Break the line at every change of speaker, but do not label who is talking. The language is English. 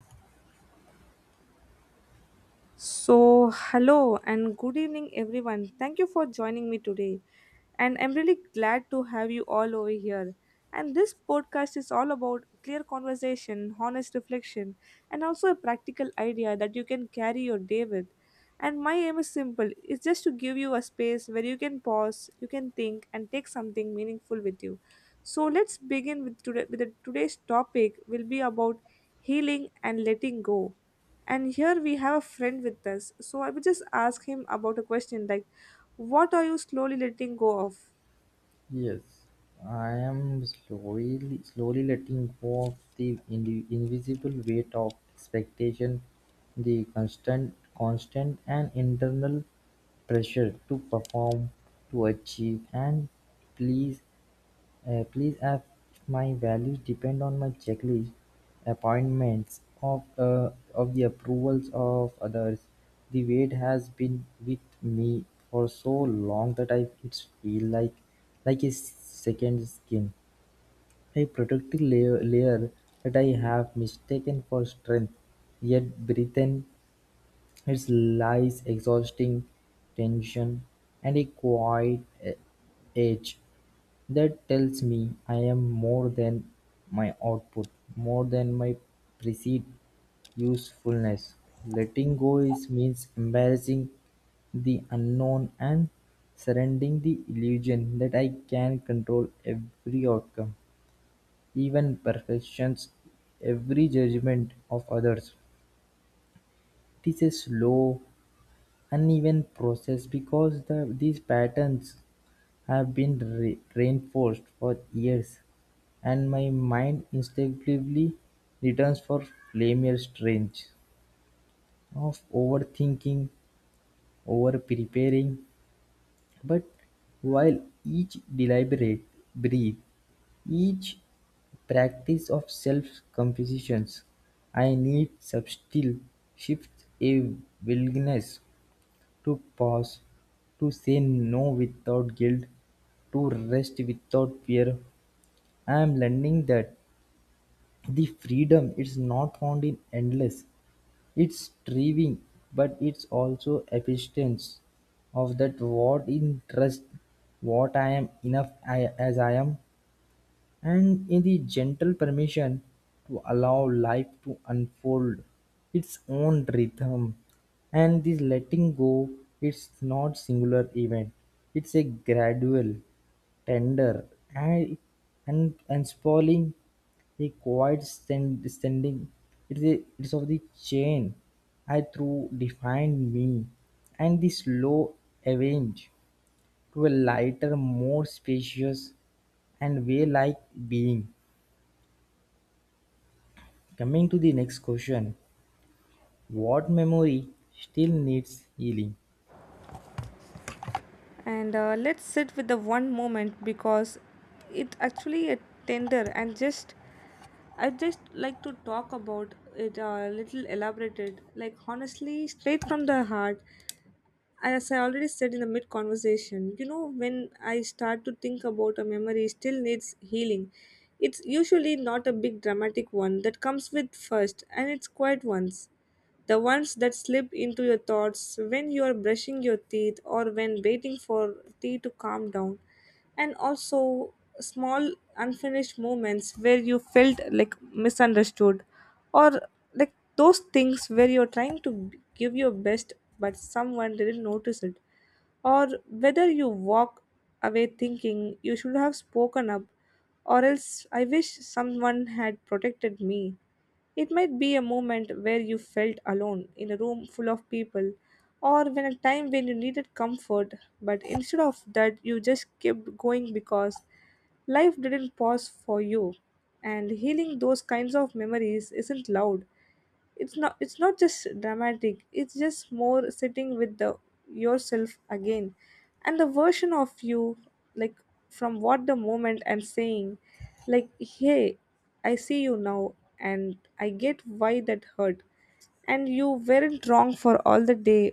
So, hello and good evening, everyone. Thank you for joining me today. And I'm really glad to have you all over here. And this podcast is all about clear conversation, honest reflection, and also a practical idea that you can carry your day with. And my aim is simple, it's just to give you a space where you can pause, you can think, and take something meaningful with you. So let's begin with today. Today's topic will be about healing and letting go. And here we have a friend with us. So I will just ask him about a question like, "What are you slowly letting go of?"
Yes, I am slowly letting go of the invisible weight of expectation, the constant and internal pressure to perform, to achieve, and please please have my values depend on my checklist, appointments, of the approvals of others. The weight has been with me for so long that I it's feel like a second skin, a protective layer that I have mistaken for strength. Yet breathing its lies, exhausting tension, and a quiet edge. That tells me I am more than my output, more than my perceived usefulness. Letting go is means embracing the unknown and surrendering the illusion that I can control every outcome, even perfections, every judgment of others. It is a slow, uneven process because these patterns have been reinforced for years, and my mind instinctively returns for familiar strange of overthinking, over preparing. But while each deliberate breathe, each practice of self compositions, I need subtle shifts, a willingness to pause, to say no without guilt, to rest without fear. I am learning that the freedom is not found in endless, it's striving, but it's also acceptance of that what in trust, what I am enough I, as I am, and in the gentle permission to allow life to unfold its own rhythm. And this letting go it's not singular event, it's a gradual, tender, and and spalling a quiet standing it is, a, it is of the chain I through defined me and the slow avenge to a lighter, more spacious, and way like being. Coming to the next question, what memory still needs healing?
and Let's sit with the one moment because it actually a tender and just I just like to talk about it a little elaborated, like honestly straight from the heart. As I already said in the mid conversation, you know, when I start to think about a memory still needs healing, it's usually not a big dramatic one that comes with first, and it's quiet ones. The ones that slip into your thoughts when you are brushing your teeth or when waiting for tea to calm down. And also small unfinished moments where you felt like misunderstood, or like those things where you're trying to give your best but someone didn't notice it, or whether you walk away thinking you should have spoken up, or else I wish someone had protected me. It might be a moment where you felt alone in a room full of people, or when a time when you needed comfort, but instead of that, you just kept going because life didn't pause for you. And healing those kinds of memories isn't loud. It's not just dramatic, it's just more sitting with the yourself again and the version of you, like from what the moment and saying like, hey, I see you now, and I get why that hurt, and you weren't wrong for all the day